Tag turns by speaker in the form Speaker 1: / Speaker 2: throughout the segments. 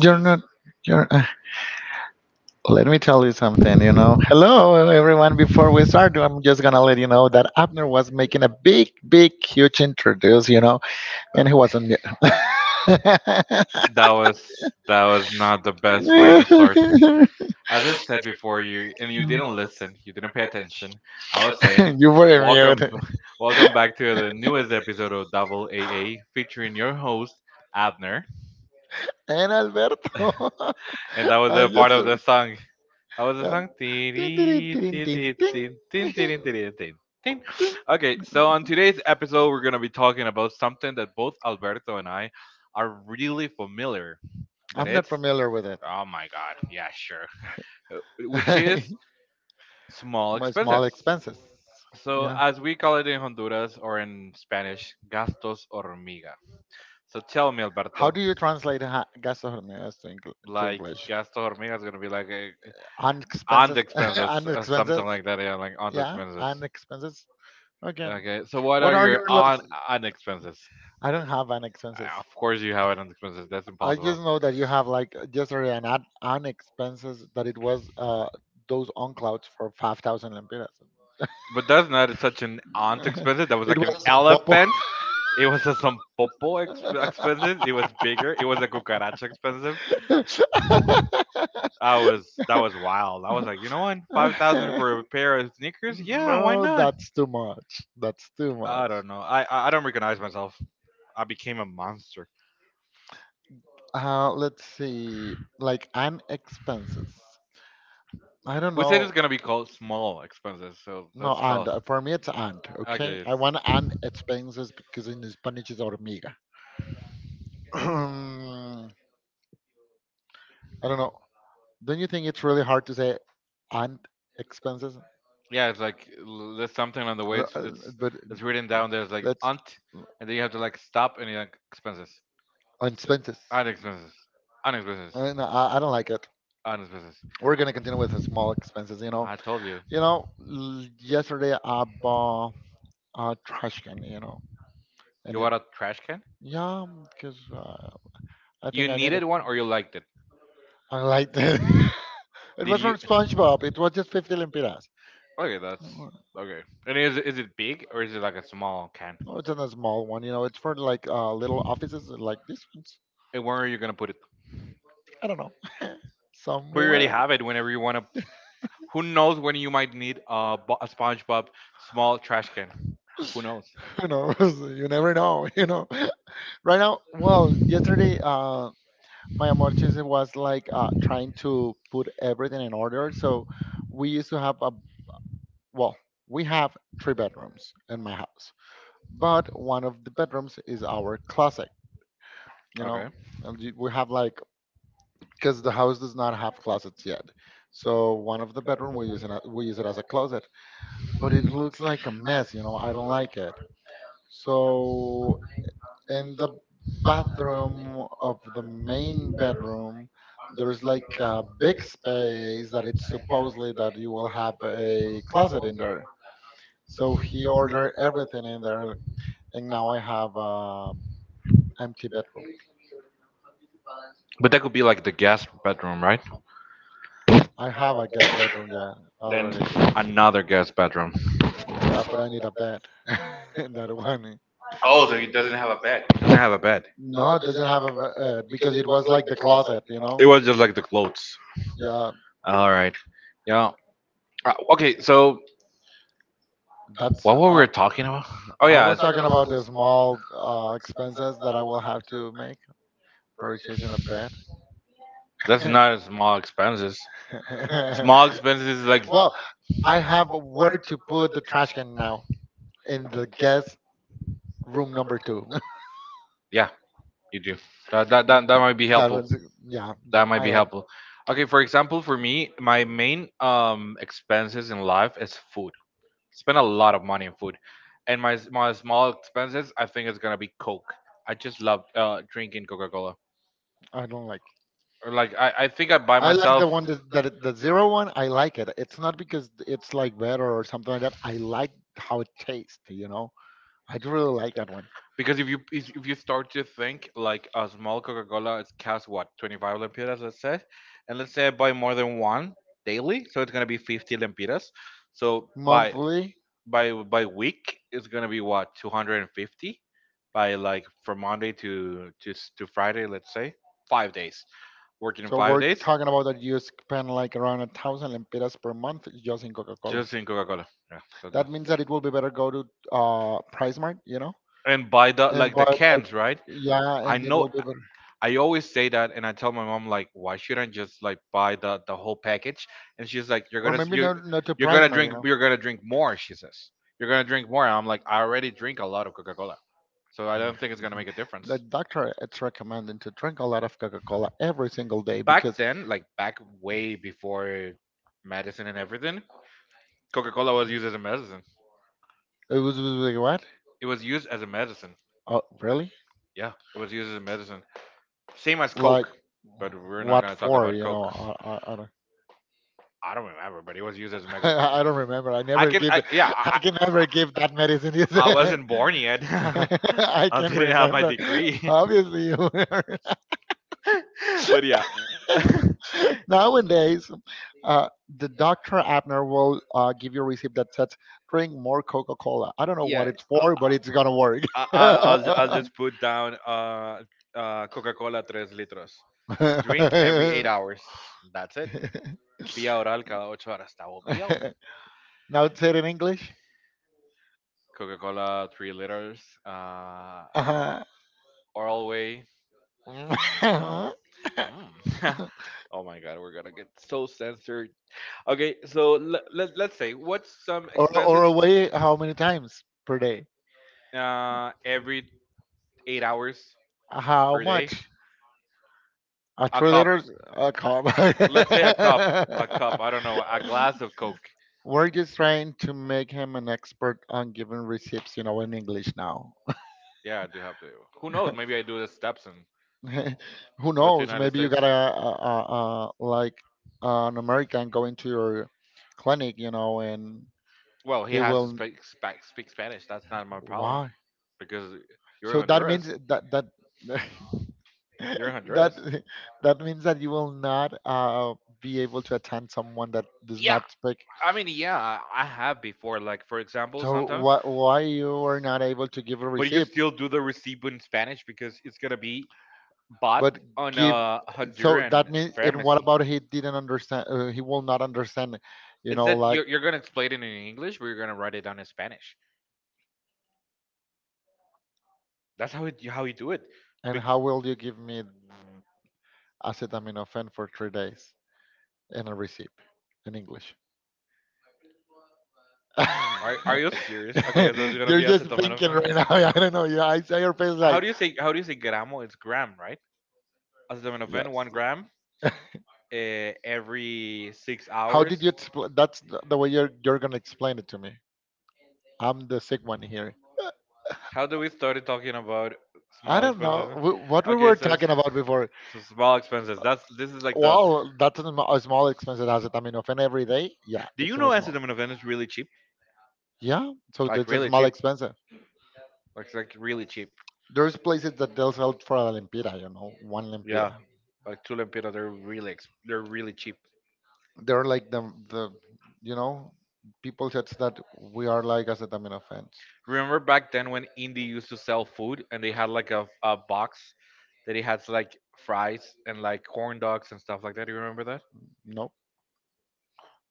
Speaker 1: You're not. You're. Let me tell you something. You know. Hello, everyone. Before we start, I'm just gonna let you know that Abner was making a huge introduce. And he was on mute.
Speaker 2: That was that was not the best way to start. As I said before, you and you didn't listen, you didn't pay attention. I was saying,
Speaker 1: You were in
Speaker 2: welcome,
Speaker 1: mute.
Speaker 2: welcome back to the newest episode of Double A, featuring your host Abner,
Speaker 1: And Alberto.
Speaker 2: and that was
Speaker 1: I
Speaker 2: a part
Speaker 1: just.
Speaker 2: of the song. That was the
Speaker 1: Yeah.
Speaker 2: song.
Speaker 1: Tin, tin,
Speaker 2: Tiri,
Speaker 1: tin,
Speaker 2: ti,
Speaker 1: tin,
Speaker 2: ti,
Speaker 1: tin,
Speaker 2: tin, tin,
Speaker 1: tin,
Speaker 2: tiri, tiri, tin, tin.
Speaker 1: tin.
Speaker 2: Okay, so on today's episode, we're gonna be talking about something that both Alberto and I are really familiar. That
Speaker 1: I'm not
Speaker 2: it's,
Speaker 1: familiar with
Speaker 2: oh my god, yeah, sure. Which
Speaker 1: it.
Speaker 2: is small
Speaker 1: My small
Speaker 2: expenses.
Speaker 1: expenses. You
Speaker 2: So
Speaker 1: know,
Speaker 2: as we call it in Honduras or in Spanish, gastos hormiga. So tell me,
Speaker 1: how
Speaker 2: Alberto,
Speaker 1: do you translate gastronomía to, to
Speaker 2: like
Speaker 1: English?
Speaker 2: gastos hormiga is gonna be like a,
Speaker 1: And
Speaker 2: on the
Speaker 1: expenses,
Speaker 2: expenses,
Speaker 1: and expenses.
Speaker 2: something like that. Yeah, like on the
Speaker 1: Yeah,
Speaker 2: expenses.
Speaker 1: and expenses. Okay.
Speaker 2: Okay, so what
Speaker 1: What
Speaker 2: are
Speaker 1: are your
Speaker 2: your
Speaker 1: los?
Speaker 2: on expenses?
Speaker 1: I don't have an expenses.
Speaker 2: Of course you have it on expenses. That's
Speaker 1: I
Speaker 2: impossible.
Speaker 1: just know that you have like yesterday an expenses that it was those on clouds for 5,000 lempiras.
Speaker 2: But that's not such an aunt expensive. That was
Speaker 1: It
Speaker 2: like
Speaker 1: was
Speaker 2: an
Speaker 1: a bobo.
Speaker 2: elephant. It was a some popo expensive. It was bigger. It was a cucaracha expensive. I was that was wild. I was like, you know what, 5,000 for a pair of sneakers? Yeah, why
Speaker 1: No,
Speaker 2: not?
Speaker 1: that's too much. That's too
Speaker 2: I
Speaker 1: much.
Speaker 2: don't know. I don't recognize myself. I became a monster.
Speaker 1: Let's see. Like, and expenses. I don't
Speaker 2: We said
Speaker 1: know.
Speaker 2: it's gonna be called small expenses, so
Speaker 1: No,
Speaker 2: let's
Speaker 1: and.
Speaker 2: call.
Speaker 1: For me, it's and, okay?
Speaker 2: Okay.
Speaker 1: I want and expenses because in Spanish it's hormiga. I don't know. Don't you think it's really hard to say and expenses?
Speaker 2: Yeah, it's like there's something on the way.
Speaker 1: Uh,
Speaker 2: It's
Speaker 1: uh,
Speaker 2: it's
Speaker 1: But
Speaker 2: it's written down there. It's like
Speaker 1: Let's
Speaker 2: unt, and then you have to like stop and you're like expenses,
Speaker 1: on expenses.
Speaker 2: unt expenses, unt expenses,
Speaker 1: No, I don't like it.
Speaker 2: unt expenses.
Speaker 1: We're gonna continue with the small expenses.
Speaker 2: I told you,
Speaker 1: Yesterday I bought a trash can. You know,
Speaker 2: you
Speaker 1: and it
Speaker 2: want a trash can?
Speaker 1: yeah, because I
Speaker 2: You
Speaker 1: think I need
Speaker 2: needed
Speaker 1: it.
Speaker 2: one or you liked it?
Speaker 1: I liked it. It
Speaker 2: Did
Speaker 1: was from
Speaker 2: you?
Speaker 1: SpongeBob. It was just 50 lempiras.
Speaker 2: Okay, that's okay. And is it big or is it like a small can?
Speaker 1: No, it's not a small one. You know, it's for like little offices like these ones.
Speaker 2: And where are you gonna put it?
Speaker 1: I don't know.
Speaker 2: But you already
Speaker 1: Somewhere.
Speaker 2: have it whenever you wanna. Who knows when you might need a, a SpongeBob small trash can? Who knows?
Speaker 1: Who knows? You never know. You know. Right now, well, yesterday, my amortize was like trying to put everything in order. We used to have a well, we have 3 bedrooms in my house, but one of the bedrooms is our closet. You know,
Speaker 2: Okay.
Speaker 1: and we have like because the house does not have closets yet. So one of the bedroom we use it as a closet, but it looks like a mess. You know, I don't like it. So in the bathroom of the main bedroom, there's like a big space that it's supposedly that you will have a closet in there. So he ordered everything in there, and now I have a empty bedroom.
Speaker 2: But that could be like the guest bedroom, right?
Speaker 1: I have a guest bedroom, yeah,
Speaker 2: Then
Speaker 1: already.
Speaker 2: another guest bedroom.
Speaker 1: Yeah, but I need a bed in that one.
Speaker 2: Oh, so it doesn't have a bed. It doesn't have a bed.
Speaker 1: No, it doesn't have a because it was like the closet, you know.
Speaker 2: It was just like the clothes.
Speaker 1: Yeah,
Speaker 2: All right. Yeah. Okay. So
Speaker 1: that's.
Speaker 2: what were we talking about? Oh
Speaker 1: I
Speaker 2: yeah.
Speaker 1: was talking about the small expenses that I will have to make purchasing a bed.
Speaker 2: That's not a small expenses. Small expenses is like,
Speaker 1: Well, I have where to put the trash can now in the guest room number two.
Speaker 2: yeah, you do. That might be
Speaker 1: That
Speaker 2: helpful.
Speaker 1: one's yeah.
Speaker 2: That
Speaker 1: That
Speaker 2: might
Speaker 1: I
Speaker 2: be
Speaker 1: like.
Speaker 2: helpful. Okay, for example, for me, my main expenses in life is food. Spend a lot of money on food, and my my small expenses, I think it's gonna be Coke. I just love drinking Coca Cola.
Speaker 1: I don't like.
Speaker 2: Or like I think I buy
Speaker 1: I like the
Speaker 2: myself,
Speaker 1: one that, the zero one. I like it. It's not because it's like better or something like that. I like how it tastes. You know, I do really like that one.
Speaker 2: because if you start to think like a small Coca Cola, it's costs what 25 lempiras, let's say, and let's say I buy more than one daily, so it's gonna be 50 lempiras. So by
Speaker 1: Monthly.
Speaker 2: by by week it's gonna be what 250, by like from monday to friday, let's say, 5 days, working
Speaker 1: So
Speaker 2: five
Speaker 1: we're
Speaker 2: days
Speaker 1: talking about that you spend like around 1,000 lempiras per month just in Coca-Cola.
Speaker 2: just in coca-cola, yeah, so
Speaker 1: That means that it will be better go to Price Mart, you know,
Speaker 2: and buy the
Speaker 1: and
Speaker 2: like the
Speaker 1: buy like
Speaker 2: cans, right.
Speaker 1: yeah,
Speaker 2: I
Speaker 1: and it
Speaker 2: know,
Speaker 1: will be better.
Speaker 2: I always say that and I tell my mom like why shouldn't I just like buy the whole package, and she's like you're
Speaker 1: Or
Speaker 2: gonna
Speaker 1: maybe not to
Speaker 2: you're
Speaker 1: Price
Speaker 2: gonna
Speaker 1: Mart, you
Speaker 2: drink
Speaker 1: know.
Speaker 2: you're gonna drink more, she says you're gonna drink more, and I'm like I already drink a lot of coca-cola, so I
Speaker 1: Mm.
Speaker 2: don't think it's gonna make a
Speaker 1: The
Speaker 2: difference.
Speaker 1: doctor it's recommending to drink a lot of Coca-Cola every single day
Speaker 2: Back
Speaker 1: because
Speaker 2: then, like back way before medicine and everything, Coca Cola was used as a medicine.
Speaker 1: it was like what?
Speaker 2: It was used as a medicine.
Speaker 1: Oh, really?
Speaker 2: Yeah, it was used as a medicine. Same as
Speaker 1: Like
Speaker 2: Coke, but we're not
Speaker 1: what
Speaker 2: gonna talk
Speaker 1: for?
Speaker 2: about
Speaker 1: You know,
Speaker 2: Coke.
Speaker 1: I don't.
Speaker 2: I don't remember, but it was used as a medicine.
Speaker 1: I don't remember. I
Speaker 2: I
Speaker 1: never
Speaker 2: can,
Speaker 1: give.
Speaker 2: I, yeah,
Speaker 1: I can never give that medicine.
Speaker 2: I wasn't born yet.
Speaker 1: I
Speaker 2: I
Speaker 1: can
Speaker 2: didn't have my
Speaker 1: remember.
Speaker 2: degree,
Speaker 1: Obviously, you.
Speaker 2: but yeah.
Speaker 1: Nowadays, uh, the Dr. Abner will give you a receipt that says, drink more Coca Cola. I don't know what
Speaker 2: yeah,
Speaker 1: it's
Speaker 2: uh,
Speaker 1: for, but it's going to work.
Speaker 2: I'll just put down Coca-Cola 3 litros. Drink every 8 hours. That's it. Vía oral cada ocho horas. That will be all.
Speaker 1: Now it's said in English.
Speaker 2: Coca-Cola 3 liters.
Speaker 1: Uh-huh.
Speaker 2: Oral way. Mm, mm. oh my god, we're gonna get so censored. Okay, so let's say, what's some
Speaker 1: or,
Speaker 2: expenses?
Speaker 1: or away how many times per day?
Speaker 2: Every 8 hours
Speaker 1: How
Speaker 2: per day?
Speaker 1: much?
Speaker 2: A
Speaker 1: Three
Speaker 2: cup.
Speaker 1: liters? A cup.
Speaker 2: Let's say a cup. I don't know, a glass of Coke.
Speaker 1: We're just trying to make him an expert on giving receipts, you know, in English now.
Speaker 2: Yeah, I do have to. Who knows? Maybe I do the steps and
Speaker 1: Who
Speaker 2: go to the
Speaker 1: knows?
Speaker 2: United
Speaker 1: Maybe you
Speaker 2: States.
Speaker 1: got a like an American going to your clinic, you know, and
Speaker 2: Well, he
Speaker 1: he
Speaker 2: has to
Speaker 1: will.
Speaker 2: speak Spanish. That's not my problem
Speaker 1: Why?
Speaker 2: because you're
Speaker 1: So
Speaker 2: in
Speaker 1: that means
Speaker 2: Honduras.
Speaker 1: that
Speaker 2: You're in Honduras.
Speaker 1: that that means that you will not be able to attend someone that does
Speaker 2: Yeah,
Speaker 1: not speak.
Speaker 2: I mean, yeah, I have before. Like for example,
Speaker 1: So
Speaker 2: sometimes,
Speaker 1: why you are not able to give a
Speaker 2: but you
Speaker 1: receipt?
Speaker 2: still do the receipt in Spanish because it's gonna be bought
Speaker 1: But
Speaker 2: on
Speaker 1: give
Speaker 2: a
Speaker 1: so that
Speaker 2: Honduran
Speaker 1: means and what
Speaker 2: pharmacy.
Speaker 1: about he didn't understand he will not understand you
Speaker 2: It's
Speaker 1: know
Speaker 2: that
Speaker 1: like
Speaker 2: you're gonna explain it in English, but you're gonna write it down in Spanish. That's how it, how you do it.
Speaker 1: and
Speaker 2: Bec-
Speaker 1: how will you give me acetaminophen for 3 days and a receipt in English.
Speaker 2: are you serious? Okay, so it's gonna
Speaker 1: You're
Speaker 2: be
Speaker 1: just thinking
Speaker 2: acetaminophen.
Speaker 1: right now. I don't know. Yeah, I saw your face
Speaker 2: How
Speaker 1: like
Speaker 2: do you say how do you say gramo? It's gram, right? Acetaminophen,
Speaker 1: yes.
Speaker 2: 1 gram, every six
Speaker 1: How did you
Speaker 2: hours.
Speaker 1: explain that's the way you're gonna explain it to me. I'm the sick one here.
Speaker 2: How do we started talking about
Speaker 1: I
Speaker 2: small
Speaker 1: don't know
Speaker 2: expenses?
Speaker 1: What we
Speaker 2: Okay,
Speaker 1: were talking about before.
Speaker 2: so small expenses. That's, this is like the,
Speaker 1: Well, that's a a small expensive asset. I mean, often every day, yeah,
Speaker 2: do you
Speaker 1: it's
Speaker 2: know
Speaker 1: not small.
Speaker 2: Amsterdam and Havana is really cheap?
Speaker 1: Yeah, so
Speaker 2: Like
Speaker 1: that's a
Speaker 2: really
Speaker 1: small
Speaker 2: cheap.
Speaker 1: expensive.
Speaker 2: Like really cheap.
Speaker 1: There's places that they'll sell for a limpira, you know, one
Speaker 2: Yeah.
Speaker 1: limpira.
Speaker 2: Like Tulimpita, they're really they're really cheap.
Speaker 1: They're like the, you know, people said that we are like acetaminophen.
Speaker 2: Remember back then when Indie used to sell food and they had like a box that it had like fries and like corn dogs and stuff like that. Do you remember that?
Speaker 1: Nope.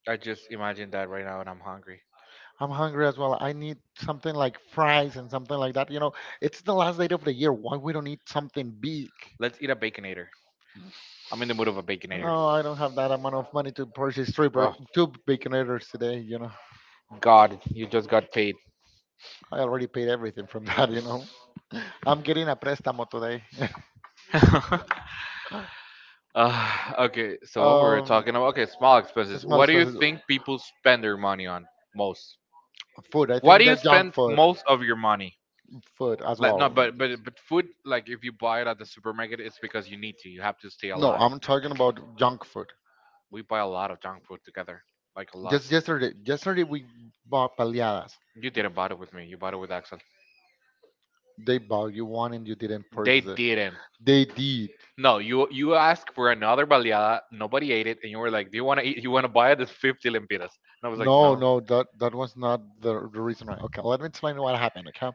Speaker 2: I just imagined that right now and I'm hungry.
Speaker 1: I'm hungry as well. I need something like fries and something like that. You know, it's the last day of the year. Why we don't eat something big?
Speaker 2: Let's eat a baconator. I'm in the mood of a baconator.
Speaker 1: No, I don't have that amount of money to purchase three
Speaker 2: Well,
Speaker 1: two baconators today. You know,
Speaker 2: God, you just got paid.
Speaker 1: I already paid everything from that. You know, I'm getting a préstamo today.
Speaker 2: Okay, so what we were
Speaker 1: um,
Speaker 2: talking about? Okay, small expenses.
Speaker 1: Small
Speaker 2: What do you
Speaker 1: expenses,
Speaker 2: think people spend their money on most?
Speaker 1: food. I
Speaker 2: Why do
Speaker 1: think
Speaker 2: you
Speaker 1: that junk
Speaker 2: spend
Speaker 1: food,
Speaker 2: most of your money?
Speaker 1: food as
Speaker 2: Like no,
Speaker 1: well.
Speaker 2: but food. Like if you buy it at the supermarket, it's because you need to. You have to stay
Speaker 1: No,
Speaker 2: alive.
Speaker 1: I'm talking about junk food.
Speaker 2: We buy a lot of junk food together, like a lot.
Speaker 1: Yesterday we bought paliadas.
Speaker 2: You didn't buy it with me. You bought it with Axel.
Speaker 1: They bought you one and you didn't
Speaker 2: They
Speaker 1: purchase it.
Speaker 2: didn't.
Speaker 1: They did.
Speaker 2: No, you asked for another baleada. Nobody ate it, and you were like, "Do you want to eat? You want to buy it? It's 50 lempiras." And I was like,
Speaker 1: No,
Speaker 2: "No."
Speaker 1: that that was not the, the reason why. Okay, let me explain what happened. Okay,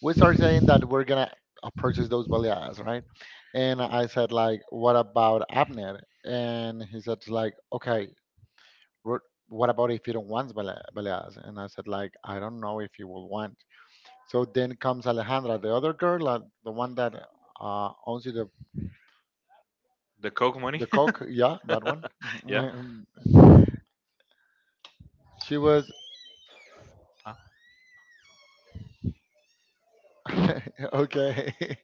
Speaker 1: we started saying that we're gonna purchase those baleadas, right? And I said like, what about Abner? And he said like, okay, we're- what about if you don't want baleadas? And I said like, I don't know if you will want. So then comes Alejandra, the other girl, the one that owns you
Speaker 2: The Coke money.
Speaker 1: the coke. Yeah, that one. Mhm.
Speaker 2: yeah.
Speaker 1: And she was
Speaker 2: Huh?
Speaker 1: Okay.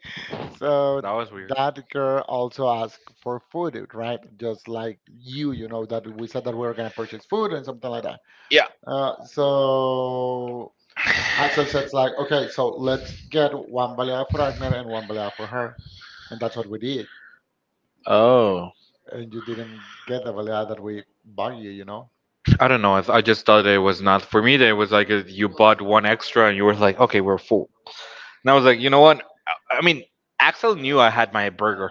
Speaker 1: So
Speaker 2: That was weird.
Speaker 1: that girl also asked for food, right? Just like you know, that we said that we were gonna purchase food and something like that.
Speaker 2: Yeah.
Speaker 1: So Axel said like, okay, so let's get one baleada for Agner and one baleada for her, and that's what we did.
Speaker 2: Oh.
Speaker 1: And you didn't get the baleada that we bought you, you know.
Speaker 2: I don't know. I just thought it was not for me. There was like you bought one extra and you were like, okay, we're full. And I was like, you know what? I I mean, Axel knew I had my burger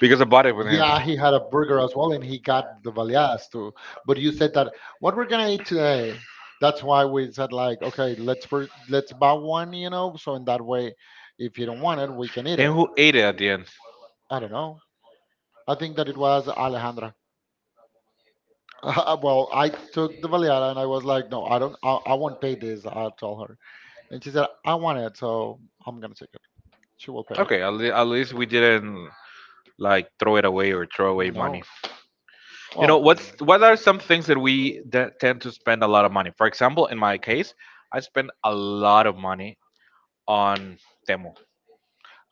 Speaker 2: because I bought it with him.
Speaker 1: Yeah, he had a burger as well, and he got the baleadas too. But you said that what we're gonna eat today. That's why we said like, okay, let's buy one, you know. So in that way, if you don't want it, we can eat
Speaker 2: And
Speaker 1: it.
Speaker 2: who ate it at the end?
Speaker 1: I don't know. I think that it was Alejandra. Well, I took the baleada and I was like, no, I won't pay this. I told her, and she said, I want it, so I'm gonna take it. She will pay it.
Speaker 2: Okay, at least we didn't like throw it away or throw away money.
Speaker 1: No.
Speaker 2: You know
Speaker 1: Well,
Speaker 2: what's what are some things that we tend to spend a lot of money? For example, in my case, I spend a lot of money on Temu.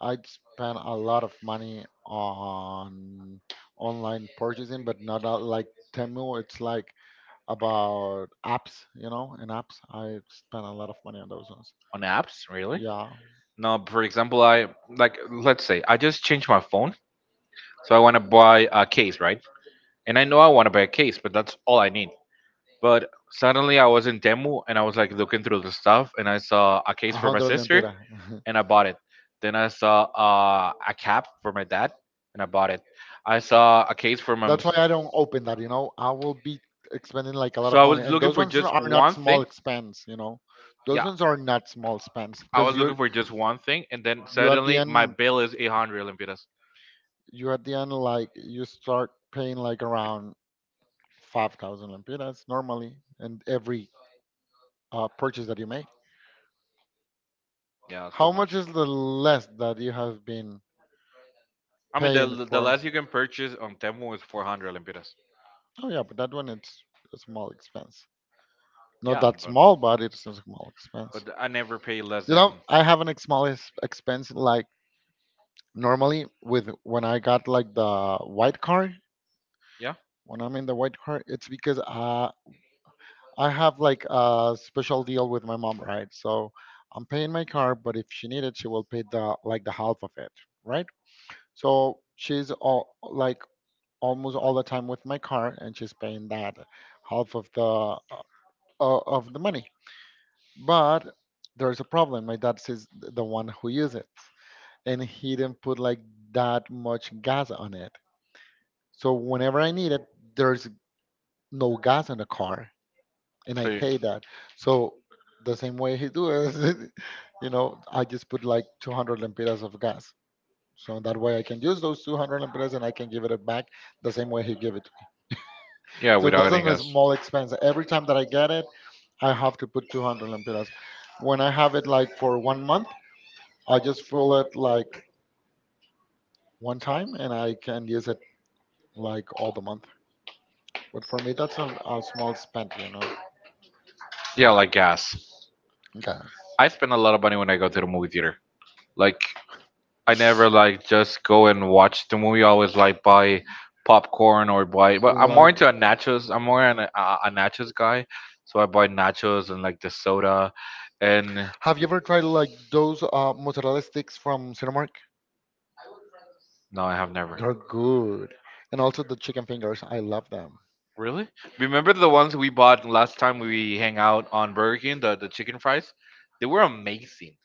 Speaker 1: I'd spend a lot of money on online purchasing, but not a, like Temu. It's like about apps, you know, and apps. I spend a lot of money on those ones.
Speaker 2: On apps, really?
Speaker 1: Yeah,
Speaker 2: No, for example, I like, let's say I just changed my phone, so I want to buy a case, right? And I know I want to buy a case, but that's all I need. But suddenly I was in Temu and I was like looking through the stuff and I saw a
Speaker 1: a
Speaker 2: case for my
Speaker 1: hundred
Speaker 2: sister
Speaker 1: lempira.
Speaker 2: and I bought it. Then I saw a cap for my dad and I bought it. I saw a case for my.
Speaker 1: That's why I don't open that. You know, I will be expending like a lot
Speaker 2: So
Speaker 1: of
Speaker 2: I
Speaker 1: money,
Speaker 2: was
Speaker 1: and
Speaker 2: looking
Speaker 1: those
Speaker 2: for
Speaker 1: ones
Speaker 2: just
Speaker 1: are not
Speaker 2: one
Speaker 1: small
Speaker 2: thing.
Speaker 1: expense. You know, those
Speaker 2: Yeah,
Speaker 1: ones are not small expense
Speaker 2: I
Speaker 1: because
Speaker 2: was looking for just one thing, and then
Speaker 1: you at the
Speaker 2: suddenly my
Speaker 1: end.
Speaker 2: bill is 800 Lempiras.
Speaker 1: You at the end like you start paying like around 5,000 lempiras normally and every purchase that you made
Speaker 2: Yeah, it's
Speaker 1: how
Speaker 2: too
Speaker 1: much
Speaker 2: much.
Speaker 1: is the less that you have been
Speaker 2: I mean,
Speaker 1: paying
Speaker 2: the
Speaker 1: for.
Speaker 2: less you can purchase on Temu is 400 Lempiras.
Speaker 1: Oh yeah, but that one it's a small expense. Not
Speaker 2: Yeah,
Speaker 1: that small, but it's a small expense.
Speaker 2: but I never pay less
Speaker 1: You
Speaker 2: than
Speaker 1: know, I have an small expense like normally with when I got like the white car.
Speaker 2: yeah.
Speaker 1: When I'm in the white car, it's because I have like a special deal with my mom, right? So I'm paying my car, but if she needed, she will pay the like the half of it, right? So she's all like almost all the time with my car, and she's paying that half of the money. But there's a problem. My dad is the one who uses it, and he didn't put like that much gas on it. So whenever I need it, there's no gas in the car. And I
Speaker 2: So you-
Speaker 1: hate that. So the same way he do is, you know, I just put like 200 lempiras of gas. So that way I can use those 200 lempiras and I can give it back the same way he give it to me.
Speaker 2: yeah,
Speaker 1: So that's
Speaker 2: without any
Speaker 1: a
Speaker 2: gas.
Speaker 1: small expense. Every time that I get it, I have to put 200 lempiras. When I have it like for one month, I just fill it like one time and I can use it like all the month. But for me, that's a small spend,
Speaker 2: Yeah, like gas.
Speaker 1: gas.
Speaker 2: I spend a lot of money when I go to the movie theater. Like I never like just go and watch the movie. I always like buy popcorn or buy. But I'm more
Speaker 1: Like,
Speaker 2: into a nachos. I'm more an, a nachos guy, so I buy nachos and like the soda. And
Speaker 1: have you ever tried like those mozzarella sticks from Cinemark?
Speaker 2: no, I have never.
Speaker 1: They're good. And also the chicken fingers. I love them.
Speaker 2: Really? Remember the ones we bought last time we hang out on Burger King, the chicken fries? They were amazing.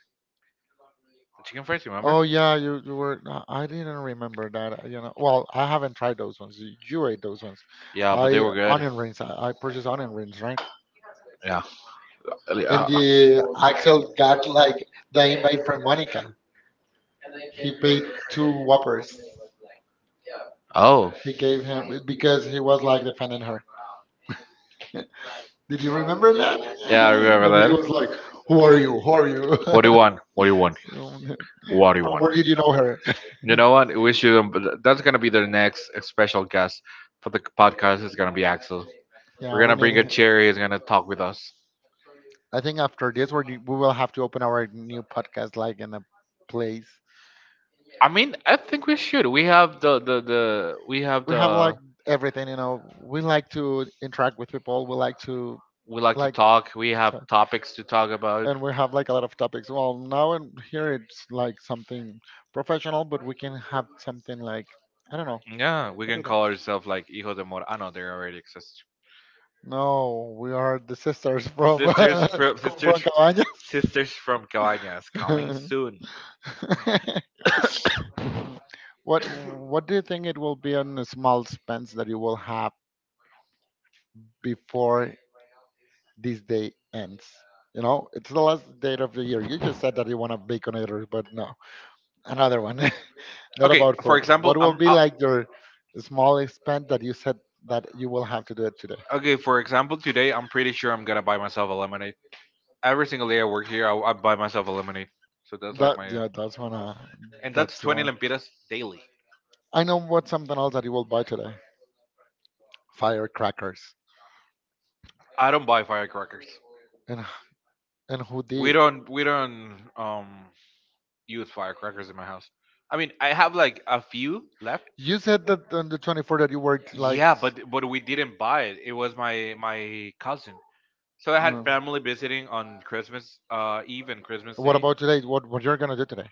Speaker 2: The chicken fries, remember?
Speaker 1: Oh yeah, you were. I didn't remember that. Well, I haven't tried those ones. You ate those ones.
Speaker 2: Yeah, but they
Speaker 1: I
Speaker 2: were good.
Speaker 1: onion rings. I purchased onion rings, right?
Speaker 2: Yeah. Uh,
Speaker 1: And the Axel got like the invite from Monica. He paid two whoppers.
Speaker 2: oh.
Speaker 1: He gave him because he was like defending her. Did you remember that?
Speaker 2: Yeah, I remember
Speaker 1: When it
Speaker 2: that.
Speaker 1: was like, "Who are you? Who are you?"
Speaker 2: What do you want? What do you want?
Speaker 1: You know,
Speaker 2: What do you
Speaker 1: From
Speaker 2: want?
Speaker 1: where did you know her?
Speaker 2: You know what? We should. That's gonna be the next special guest for the podcast. It's gonna be Axel. We're
Speaker 1: Yeah, we
Speaker 2: gonna bring a
Speaker 1: need.
Speaker 2: chair. He's gonna talk with us.
Speaker 1: I think after this, we will have to open our new podcast like in a place.
Speaker 2: I mean, I think we should. We have the. We have
Speaker 1: We have like
Speaker 2: the.
Speaker 1: everything, you know. We like to interact with people. We like to
Speaker 2: We like to
Speaker 1: like.
Speaker 2: talk. We have topics to talk about.
Speaker 1: And we have like a lot of topics. Well, now and here it's like something professional, but we can have something like I don't know.
Speaker 2: Yeah, we
Speaker 1: What do
Speaker 2: can
Speaker 1: you think?
Speaker 2: call ourselves like Hijo de Mor. Ah, no, they already exist.
Speaker 1: No, we are the sisters from
Speaker 2: Sisters from sisters
Speaker 1: from Cabañas.
Speaker 2: sisters from Cabañas coming soon.
Speaker 1: Mm. what What do you think it will be on a small expense that you will have before this day ends? You know, it's the last date of the year. You just said that you want a baconator, but no, another one. Not
Speaker 2: Okay,
Speaker 1: about
Speaker 2: for
Speaker 1: food.
Speaker 2: example,
Speaker 1: What will
Speaker 2: I'm
Speaker 1: be like your small expense that you said that you will have to do it today?
Speaker 2: okay. For example, today I'm pretty sure I'm gonna buy myself a lemonade. Every single day I work here, I buy myself a lemonade. So that's like
Speaker 1: That
Speaker 2: my,
Speaker 1: Yeah, that's one.
Speaker 2: and that's
Speaker 1: That's
Speaker 2: 20
Speaker 1: one.
Speaker 2: lempiras daily.
Speaker 1: I know what's something else that you will buy today. Firecrackers.
Speaker 2: I don't buy firecrackers.
Speaker 1: And and who
Speaker 2: We
Speaker 1: did?
Speaker 2: don't we don't um use firecrackers in my house. I mean, I have like a few left.
Speaker 1: You said that on the 24th that you worked like.
Speaker 2: Yeah, but we didn't buy it. It was my cousin. So I had
Speaker 1: Mm.
Speaker 2: family visiting on Christmas Eve and Christmas
Speaker 1: What
Speaker 2: Day.
Speaker 1: about today? What you're gonna do today?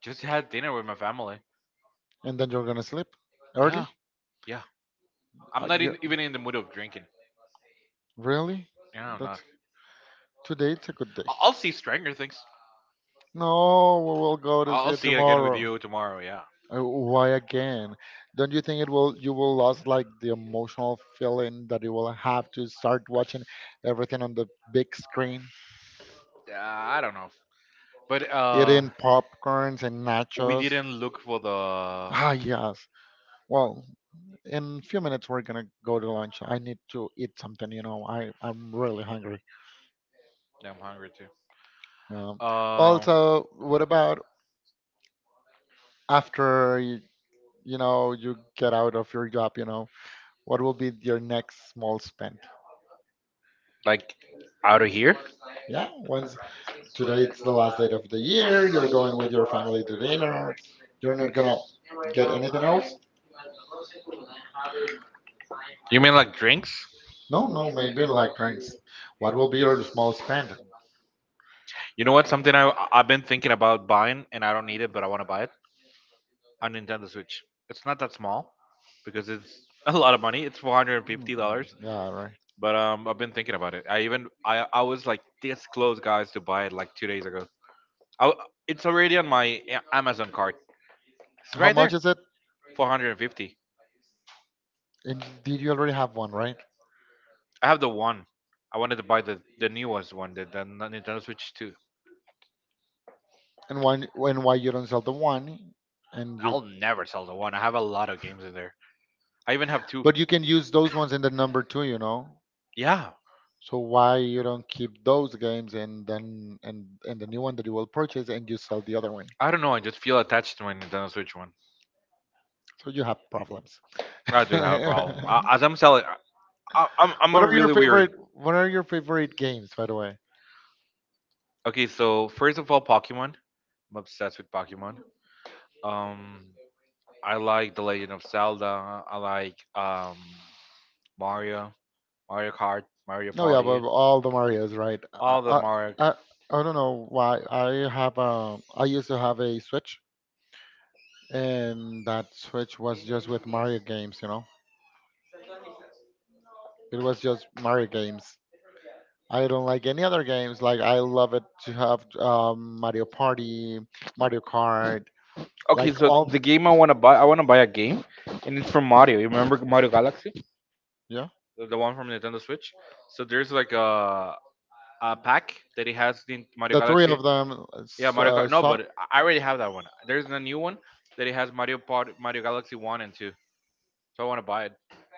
Speaker 2: Just had dinner with my family.
Speaker 1: And then you're gonna sleep
Speaker 2: Yeah,
Speaker 1: early.
Speaker 2: yeah. I'm not
Speaker 1: You
Speaker 2: in, even in the mood of drinking.
Speaker 1: Really?
Speaker 2: Yeah, I'm not.
Speaker 1: That's today. It's a good day.
Speaker 2: I'll see Stranger Things.
Speaker 1: No, we will go to see
Speaker 2: I'll
Speaker 1: it
Speaker 2: see it again with
Speaker 1: tomorrow.
Speaker 2: you tomorrow. Yeah.
Speaker 1: Why again? Don't you think it will you will lose like the emotional feeling that you will have to start watching everything on the big screen,
Speaker 2: I don't know, but
Speaker 1: eating popcorns and
Speaker 2: we
Speaker 1: nachos?
Speaker 2: didn't look for the.
Speaker 1: Ah, yes. Well, in a few minutes we're gonna go to lunch. I need to eat something. I'm really hungry.
Speaker 2: Yeah, I'm hungry too.
Speaker 1: Um, Um,
Speaker 2: Um,
Speaker 1: Also, what about after you get out of your job? You know, what will be your next small spend?
Speaker 2: like out of here?
Speaker 1: Yeah, once today it's the last date of the year, you're going with your family to dinner. You're not gonna get anything else.
Speaker 2: You mean like drinks?
Speaker 1: No, no, maybe like drinks. What will be your small spend?
Speaker 2: You know what? Something I've been thinking about buying, and I don't need it, but I want to buy it. A Nintendo Switch. It's not that small, because it's a lot of money. It's four hundred and fifty
Speaker 1: Mm,
Speaker 2: dollars.
Speaker 1: yeah, right.
Speaker 2: But I've been thinking about it. I even I was like this close, guys, to buy it like 2 days ago. I, it's already on my Amazon cart. It's
Speaker 1: How
Speaker 2: right
Speaker 1: much
Speaker 2: there.
Speaker 1: is it?
Speaker 2: 450.
Speaker 1: And did you already have one, right?
Speaker 2: I have the one. I wanted to buy the newest one, the Nintendo Switch 2.
Speaker 1: And one, and why you don't sell the one and you
Speaker 2: I'll never sell the one. I have a lot of games in there. I even have two.
Speaker 1: but you can use those ones in the number two,
Speaker 2: Yeah,
Speaker 1: so why you don't keep those games, and then and the new one that you will purchase, and you sell the other one,
Speaker 2: I don't know. I just feel attached to my Nintendo Switch one.
Speaker 1: so you have problems?
Speaker 2: I do have a problem.
Speaker 1: what
Speaker 2: I, as I'm selling, I'm a really weird.
Speaker 1: what are your favorite games, by the way?
Speaker 2: Okay, so first of all, Pokemon. I'm obsessed with Pokemon. Um, I like The Legend of Zelda. I like Mario, Mario Kart, Mario
Speaker 1: No, yeah,
Speaker 2: Party,
Speaker 1: but all the Marios, right.
Speaker 2: all the Mario.
Speaker 1: I, I don't know why I used to have a switch, and that switch was just with Mario games. It was just Mario games. I don't like any other games. Like I love it to have Mario Party, Mario Kart,
Speaker 2: Okay,
Speaker 1: like,
Speaker 2: so
Speaker 1: all
Speaker 2: the game I want to buy, I want to buy a game, and it's from Mario. You remember Mario Galaxy?
Speaker 1: yeah,
Speaker 2: The one from Nintendo Switch. So there's like a pack that it has in Mario
Speaker 1: the three
Speaker 2: Galaxy.
Speaker 1: of them. uh,
Speaker 2: Yeah,
Speaker 1: s-
Speaker 2: Mario
Speaker 1: uh,
Speaker 2: Kart. No,
Speaker 1: so,
Speaker 2: but I already have that one. There's a new one that it has Mario Part Mario Galaxy One and Two. So I want to buy it.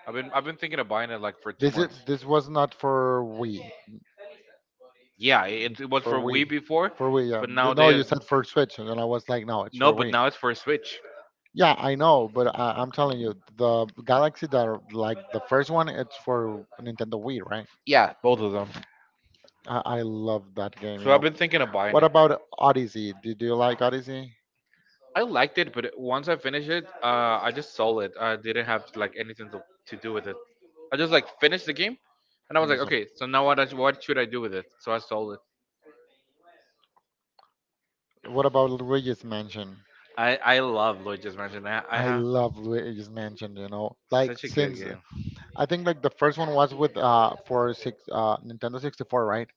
Speaker 2: I've been thinking of buying it like for two
Speaker 1: this is
Speaker 2: months.
Speaker 1: this was not for Wii.
Speaker 2: Yeah, it was for
Speaker 1: For
Speaker 2: Wii
Speaker 1: Wii.
Speaker 2: before,
Speaker 1: For Wii, yeah.
Speaker 2: but now
Speaker 1: No,
Speaker 2: they
Speaker 1: you said for Switch, and I was like, no, it's for
Speaker 2: no, but
Speaker 1: Wii.
Speaker 2: now it's for Switch.
Speaker 1: Yeah, I know, but I'm telling you, the Galaxy that are, like the first one, it's for Nintendo Wii, right?
Speaker 2: Yeah, both of them.
Speaker 1: I love that game, you
Speaker 2: So I've
Speaker 1: know.
Speaker 2: been thinking of buying
Speaker 1: What
Speaker 2: it.
Speaker 1: about Odyssey? Did you like Odyssey?
Speaker 2: I liked it, but once I finished it, I just sold it. I didn't have like anything to do with it. I just like finished the game, and I was like,
Speaker 1: Yes.
Speaker 2: okay, so now what? What should I do with it? So I sold it.
Speaker 1: What about Luigi's Mansion?
Speaker 2: I love Lloyd just mentioned that. I
Speaker 1: I
Speaker 2: have
Speaker 1: love Luigi's Mansion, you know. Like,
Speaker 2: such a good
Speaker 1: since
Speaker 2: game.
Speaker 1: I think like the first one was with for six Nintendo 64, right?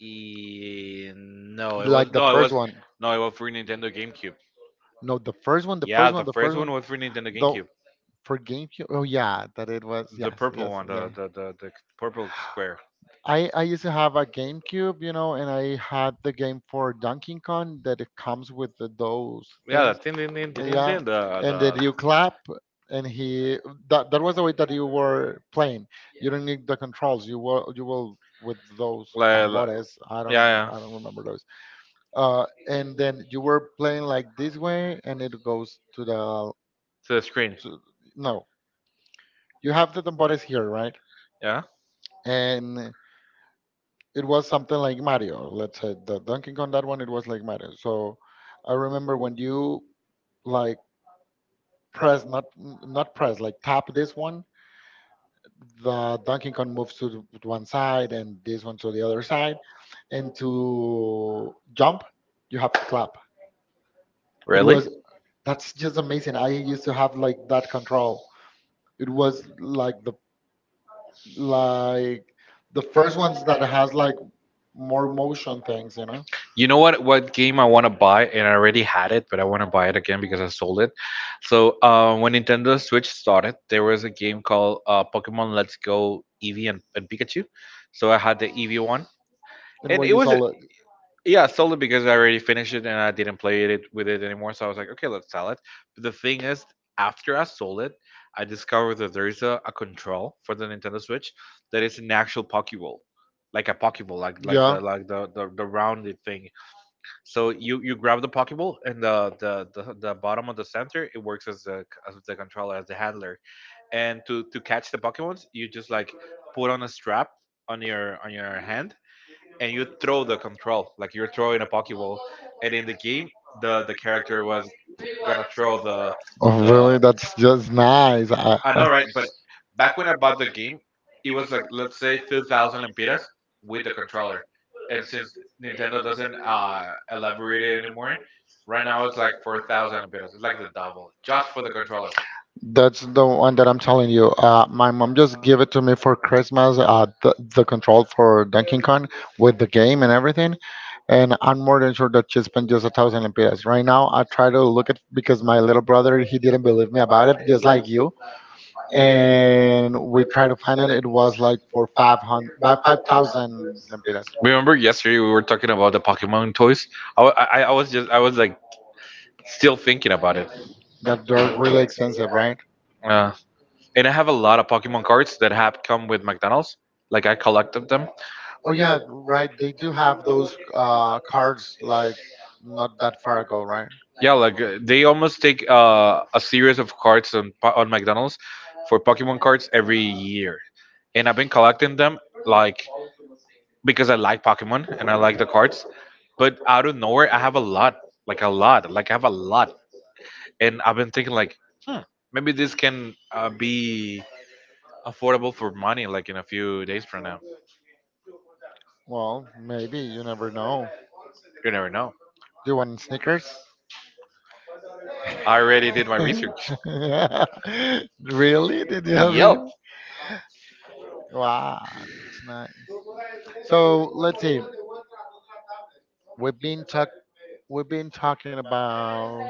Speaker 2: E- no, it was
Speaker 1: Like the
Speaker 2: no, it
Speaker 1: first
Speaker 2: was
Speaker 1: one.
Speaker 2: no, it was for Nintendo GameCube.
Speaker 1: No, the first one, the
Speaker 2: Yeah,
Speaker 1: first one, the
Speaker 2: first
Speaker 1: first one.
Speaker 2: was for Nintendo
Speaker 1: Though
Speaker 2: GameCube.
Speaker 1: for GameCube. Oh yeah, that it was.
Speaker 2: The
Speaker 1: Yes,
Speaker 2: purple
Speaker 1: yes,
Speaker 2: one,
Speaker 1: yeah.
Speaker 2: the purple square.
Speaker 1: I used to have a GameCube, you know, and I had the game for Donkey Kong that it comes with those
Speaker 2: Yeah, the
Speaker 1: things.
Speaker 2: ding ding ding ding ding,
Speaker 1: Yeah,
Speaker 2: ding,
Speaker 1: and then
Speaker 2: the
Speaker 1: you clap, and he that that was the way that you were playing. You don't need the controls. You will with those
Speaker 2: like,
Speaker 1: tambores. I don't
Speaker 2: yeah, yeah.
Speaker 1: I don't remember those. And then you were playing like this way, and it goes to the
Speaker 2: To the screen.
Speaker 1: to no. You have the tambores here, right?
Speaker 2: Yeah,
Speaker 1: And it was something like Mario. Let's say the Donkey Kong, that one it was like Mario. So I remember when you like, press not not press, like tap this one, the Donkey Kong moves to to one side, and this one to the other side, and to jump you have to clap. It
Speaker 2: really?
Speaker 1: was
Speaker 2: Amazing.
Speaker 1: that's just amazing. I used to have like that control. It was like like the first ones that has like more motion things, you know,
Speaker 2: You know what? What game I want to buy, and I already had it, but I want to buy it again because I sold it. So when Nintendo Switch started, there was a game called Pokemon Let's Go Eevee and Pikachu. So I had the Eevee one,
Speaker 1: and
Speaker 2: and
Speaker 1: where you
Speaker 2: what it is was
Speaker 1: saw it.
Speaker 2: a-. Yeah, solely because I already finished it and I didn't play it with it anymore. So I was like, okay, let's sell it. But the thing is, after I sold it, I discovered that there is a control for the Nintendo Switch that is an actual Pokeball, like a Pokeball, like like the
Speaker 1: Yeah.
Speaker 2: like the rounded thing. So you grab the Pokeball and the bottom of the center it works as the controller as the handler. And to catch the Pokemons, you just like put on a strap on your hand and you throw the control like you're throwing a pokeball, and in the game the character was gonna throw the.
Speaker 1: Oh,
Speaker 2: the
Speaker 1: really? That's just nice.
Speaker 2: i know,
Speaker 1: I
Speaker 2: right? But back when I bought the game it was like, let's say, 2000 lempiras with the controller. And since Nintendo doesn't elaborate it anymore, right now it's like 4000 lempiras. It's like the double just for the controller.
Speaker 1: that's the one that I'm telling you. My mom just gave it to me for Christmas, the control for Donkey Kong with the game and everything. And I'm more than sure that she spent just 1,000 lempiras. Right now, I try to look at because my little brother, he didn't believe me about it, just like you. And we tried to find it. It was like for 500, about 5,000 lempiras.
Speaker 2: Remember yesterday we were talking about the Pokemon toys? I was just, I was like still thinking about it.
Speaker 1: That they're really expensive, right?
Speaker 2: Uh, and I have a lot of Pokemon cards that have come with McDonald's. Like I collected them.
Speaker 1: Oh yeah, right. They do have those cards like, not that far ago, right?
Speaker 2: Yeah, like they almost take a series of cards on on McDonald's for Pokemon cards every year, and I've been collecting them, like, because I like Pokemon and I like the cards. But out of nowhere, I have a lot, like I have a lot, and I've been thinking like, hmm, maybe this can be affordable for money, like in a few days from now.
Speaker 1: Well, maybe you never know.
Speaker 2: You never know.
Speaker 1: Do you want sneakers?
Speaker 2: I already did my research.
Speaker 1: Really? Did you have
Speaker 2: Yep.
Speaker 1: real? Wow, that's nice. So let's see. We've been talk. We've been talking about.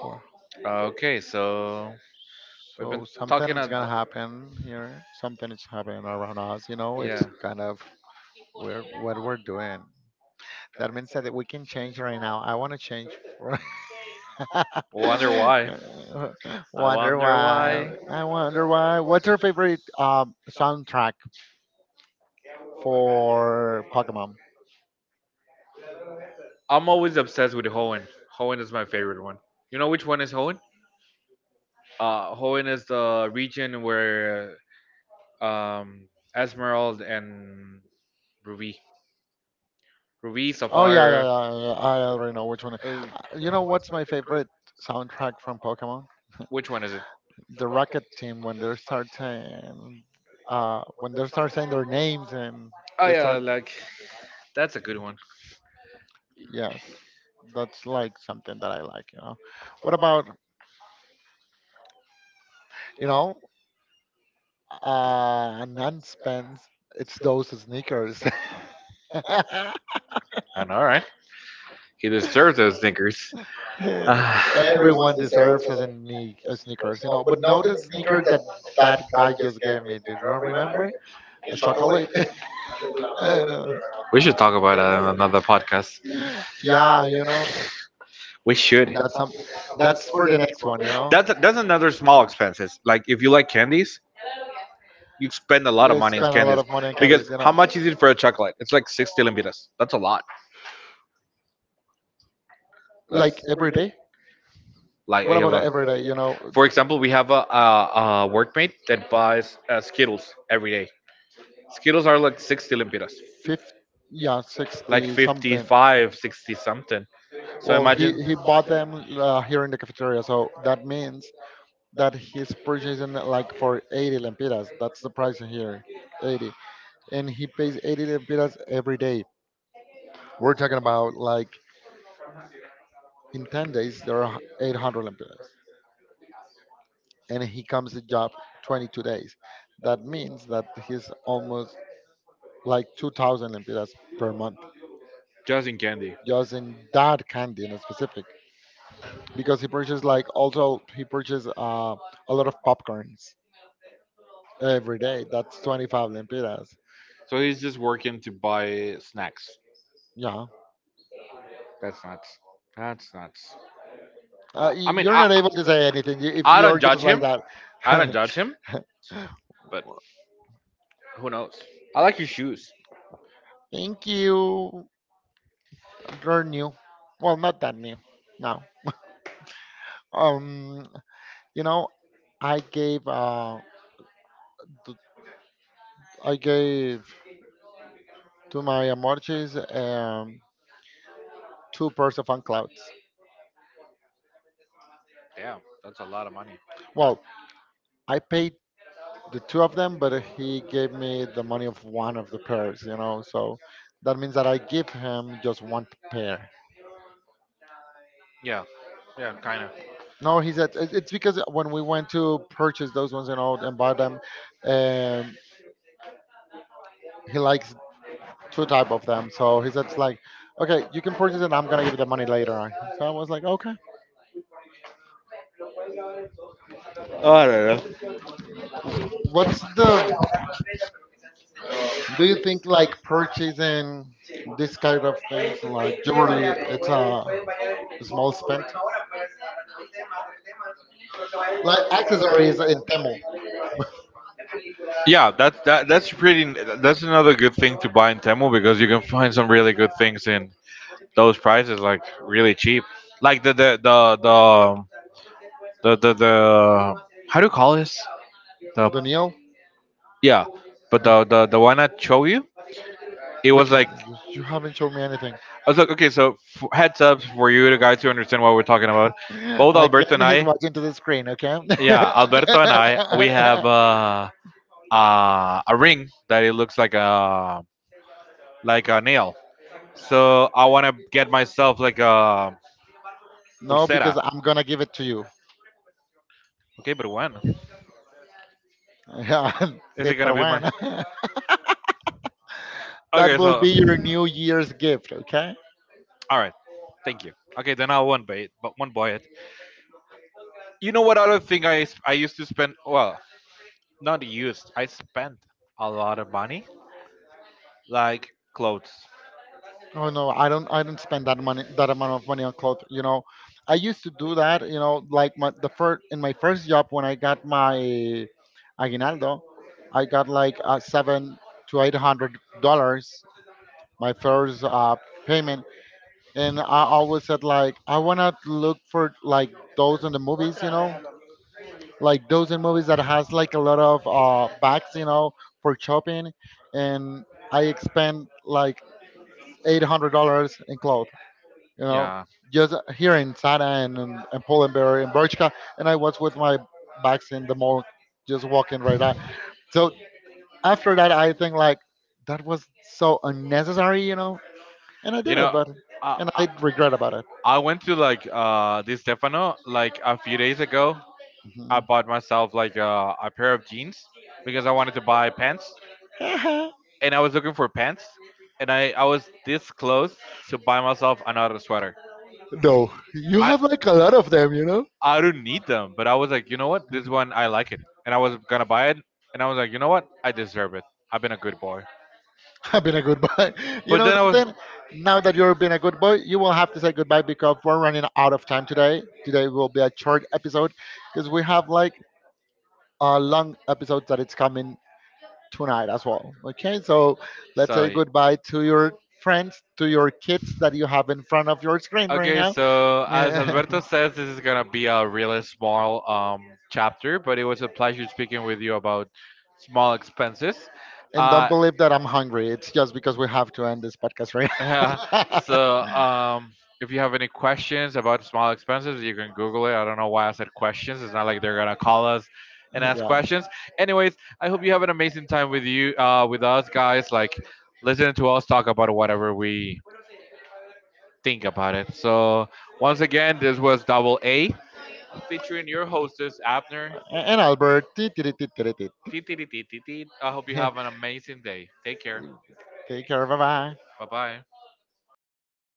Speaker 1: wha-
Speaker 2: Okay, so we've
Speaker 1: So
Speaker 2: been
Speaker 1: something
Speaker 2: talking
Speaker 1: is gonna
Speaker 2: about.
Speaker 1: happen here. Something is happening around us. You know, it's
Speaker 2: Yeah.
Speaker 1: kind of where what we're doing. That means that we can change right now. I want to change for.
Speaker 2: Wonder why? I
Speaker 1: wonder
Speaker 2: wonder
Speaker 1: why.
Speaker 2: why.
Speaker 1: I wonder why. What's your favorite soundtrack for Pokemon?
Speaker 2: I'm always obsessed with Hoenn. Hoenn is my favorite one. You know which one is Hoenn? Hoenn is the region where um Esmeralda and Ruby, Ruby,
Speaker 1: Oh yeah, yeah,
Speaker 2: Sapphire.
Speaker 1: yeah, yeah, yeah. I already know which one.
Speaker 2: Uh,
Speaker 1: You know what's my favorite soundtrack from Pokemon?
Speaker 2: which one is it?
Speaker 1: The Rocket Team when they start saying, when they start saying their names, and
Speaker 2: Oh
Speaker 1: they
Speaker 2: yeah,
Speaker 1: start.
Speaker 2: like that's a good one.
Speaker 1: Yes, that's like something that I like. You know. What about, you know? Nan spends. It's those sneakers.
Speaker 2: And all right. He deserves those sneakers.
Speaker 1: Everyone deserves a sneakers, But no, the sneaker that that guy just gave me. Do you remember? A chocolate. I know.
Speaker 2: We should talk about that in another podcast.
Speaker 1: Yeah.
Speaker 2: We should.
Speaker 1: That's some. That's for the next one.
Speaker 2: That's another small expenses. Like if you like candies, you spend a lot
Speaker 1: Yeah,
Speaker 2: of
Speaker 1: you
Speaker 2: money on
Speaker 1: spend a lot
Speaker 2: candies,
Speaker 1: of money on
Speaker 2: because
Speaker 1: candies, you
Speaker 2: how
Speaker 1: know.
Speaker 2: much is it for a chocolate? It's like 60 lempiras. That's a lot. That's
Speaker 1: Like, every day.
Speaker 2: like
Speaker 1: What
Speaker 2: a
Speaker 1: about
Speaker 2: lot.
Speaker 1: every day?
Speaker 2: For example, we have a workmate that buys Skittles every day. Skittles are like 60 lempiras.
Speaker 1: Fifth, yeah,
Speaker 2: Like
Speaker 1: 60 something.
Speaker 2: 55, 60 something. So
Speaker 1: Well, he
Speaker 2: imagine.
Speaker 1: he bought them here in the cafeteria, so that means that he's purchasing it, like for 80 lempiras. That's the price here, 80, and he pays 80 lempiras every day. We're talking about like in 10 days there are 800 lempiras, and he comes to job 22 days. That means that he's almost like 2,000 lempiras per month
Speaker 2: Just in candy.
Speaker 1: just in that candy in specific. Because he purchased like also he purchased a lot of popcorns every day. That's 25 lempiras.
Speaker 2: So he's just working to buy snacks.
Speaker 1: Yeah.
Speaker 2: That's nuts. That's nuts. I, I mean,
Speaker 1: You're not
Speaker 2: I,
Speaker 1: able to say anything if
Speaker 2: I
Speaker 1: you're
Speaker 2: don't judge
Speaker 1: just like
Speaker 2: him.
Speaker 1: that.
Speaker 2: I don't judge him, but who knows? I like your shoes.
Speaker 1: Thank you. You are new. Well, not that new. No. Um, you know, I gave th- I gave to my amorches two pairs of unclouds.
Speaker 2: Damn, that's a lot of money.
Speaker 1: Well, I paid the two of them, but he gave me the money of one of the pairs, you know. So that means that I give him just one pair.
Speaker 2: Yeah, yeah, kind of.
Speaker 1: No, he said it's because when we went to purchase those ones, and buy them, um, he likes two type of them. So he said it's like, okay, you can purchase it. I'm gonna give you the money later on. So I was like, okay.
Speaker 2: I don't know.
Speaker 1: What's the Do you think like purchasing this kind of things, like, generally it's a small spend? Like accessories in Temu.
Speaker 2: Yeah, that's pretty. That's another good thing to buy in Temu, because you can find some really good things in those prices, like really cheap. Like the, how do you call this? The,
Speaker 1: Daniel,
Speaker 2: yeah, but the one I show you, it was
Speaker 1: which one?
Speaker 2: like
Speaker 1: You
Speaker 2: I
Speaker 1: you haven't shown me anything.
Speaker 2: was like, okay, so heads up for you, the guys who understand what we're talking about. Both Alberto
Speaker 1: Again,
Speaker 2: and
Speaker 1: he's
Speaker 2: I
Speaker 1: watching to the screen, okay?
Speaker 2: yeah, Alberto and I, we have a ring that it looks like a, like a nail. So I want to get myself like a
Speaker 1: No,
Speaker 2: pulsera.
Speaker 1: because I'm gonna give it to you.
Speaker 2: Okay, but when
Speaker 1: Yeah,
Speaker 2: is
Speaker 1: say,
Speaker 2: it gonna
Speaker 1: pero
Speaker 2: be my?
Speaker 1: bueno. That
Speaker 2: Okay,
Speaker 1: will
Speaker 2: so
Speaker 1: be your New Year's gift, okay?
Speaker 2: all right, thank you. Okay, then I'll one buy it, but one buy it. You know what other thing I used to spend? Well, not used. I spent a lot of money, like clothes.
Speaker 1: Oh no, I don't. I don't spend that amount of money on clothes. You know, I used to do that. You know, like my first job when I got my aguinaldo, I got like seven to eight hundred dollars my first payment, and I always said like I wanna look for like those in the movies. You know, like those in movies that has like a lot of bags. You know, for shopping, and I spend like $800 in clothes, you know,
Speaker 2: Yeah.
Speaker 1: just here in Sada and, Polenberry and Berchka, and I was with my bags in the mall, just walking right out. So after that, I think like that was so unnecessary, you know, and I
Speaker 2: You
Speaker 1: did it,
Speaker 2: know,
Speaker 1: but
Speaker 2: I,
Speaker 1: and
Speaker 2: I,
Speaker 1: I regret about it.
Speaker 2: I went to like this Stefano like a few days ago. I
Speaker 1: Mhm.
Speaker 2: bought myself like a pair of jeans, because I wanted to buy pants, and I was looking for pants, and I was this close to buy myself another sweater.
Speaker 1: No, you
Speaker 2: I
Speaker 1: have like a lot of them, you know.
Speaker 2: I don't need them, but I was like, you know what, this one I like it, and I was gonna buy it, and I was like, you know what, I deserve it. I've been a good boy.
Speaker 1: I've been a good boy. You
Speaker 2: But
Speaker 1: know
Speaker 2: then I was.
Speaker 1: something? Now that you've been a good boy, you will have to say goodbye because we're running out of time today. Today will be a short episode because we have like a long episode that it's coming tonight as well. Okay, so let's say
Speaker 2: So,
Speaker 1: goodbye to your friends, to your kids that you have in front of your screen right
Speaker 2: okay,
Speaker 1: now.
Speaker 2: so as
Speaker 1: Yeah.
Speaker 2: Alberto says, this is gonna be a really small chapter, but it was a pleasure speaking with you about small expenses.
Speaker 1: And don't
Speaker 2: Uh,
Speaker 1: believe that I'm hungry. It's just because we have to end this podcast right
Speaker 2: Yeah.
Speaker 1: now.
Speaker 2: So if you have any questions about small expenses, you can Google it. I don't know why I said questions. It's not like they're gonna call us and ask
Speaker 1: Yeah.
Speaker 2: questions. Anyways, I hope you have an amazing time with you, with us guys. Like listening to us talk about whatever we think about it. So once again, this was Double A featuring your hostess Abner.
Speaker 1: And Albert. Ti- ti- ti- ti- ti- ti.
Speaker 2: Teet, teet, teet, teet, teet. I hope you have an amazing day. Take care.
Speaker 1: Take care. Bye bye.
Speaker 2: Bye bye.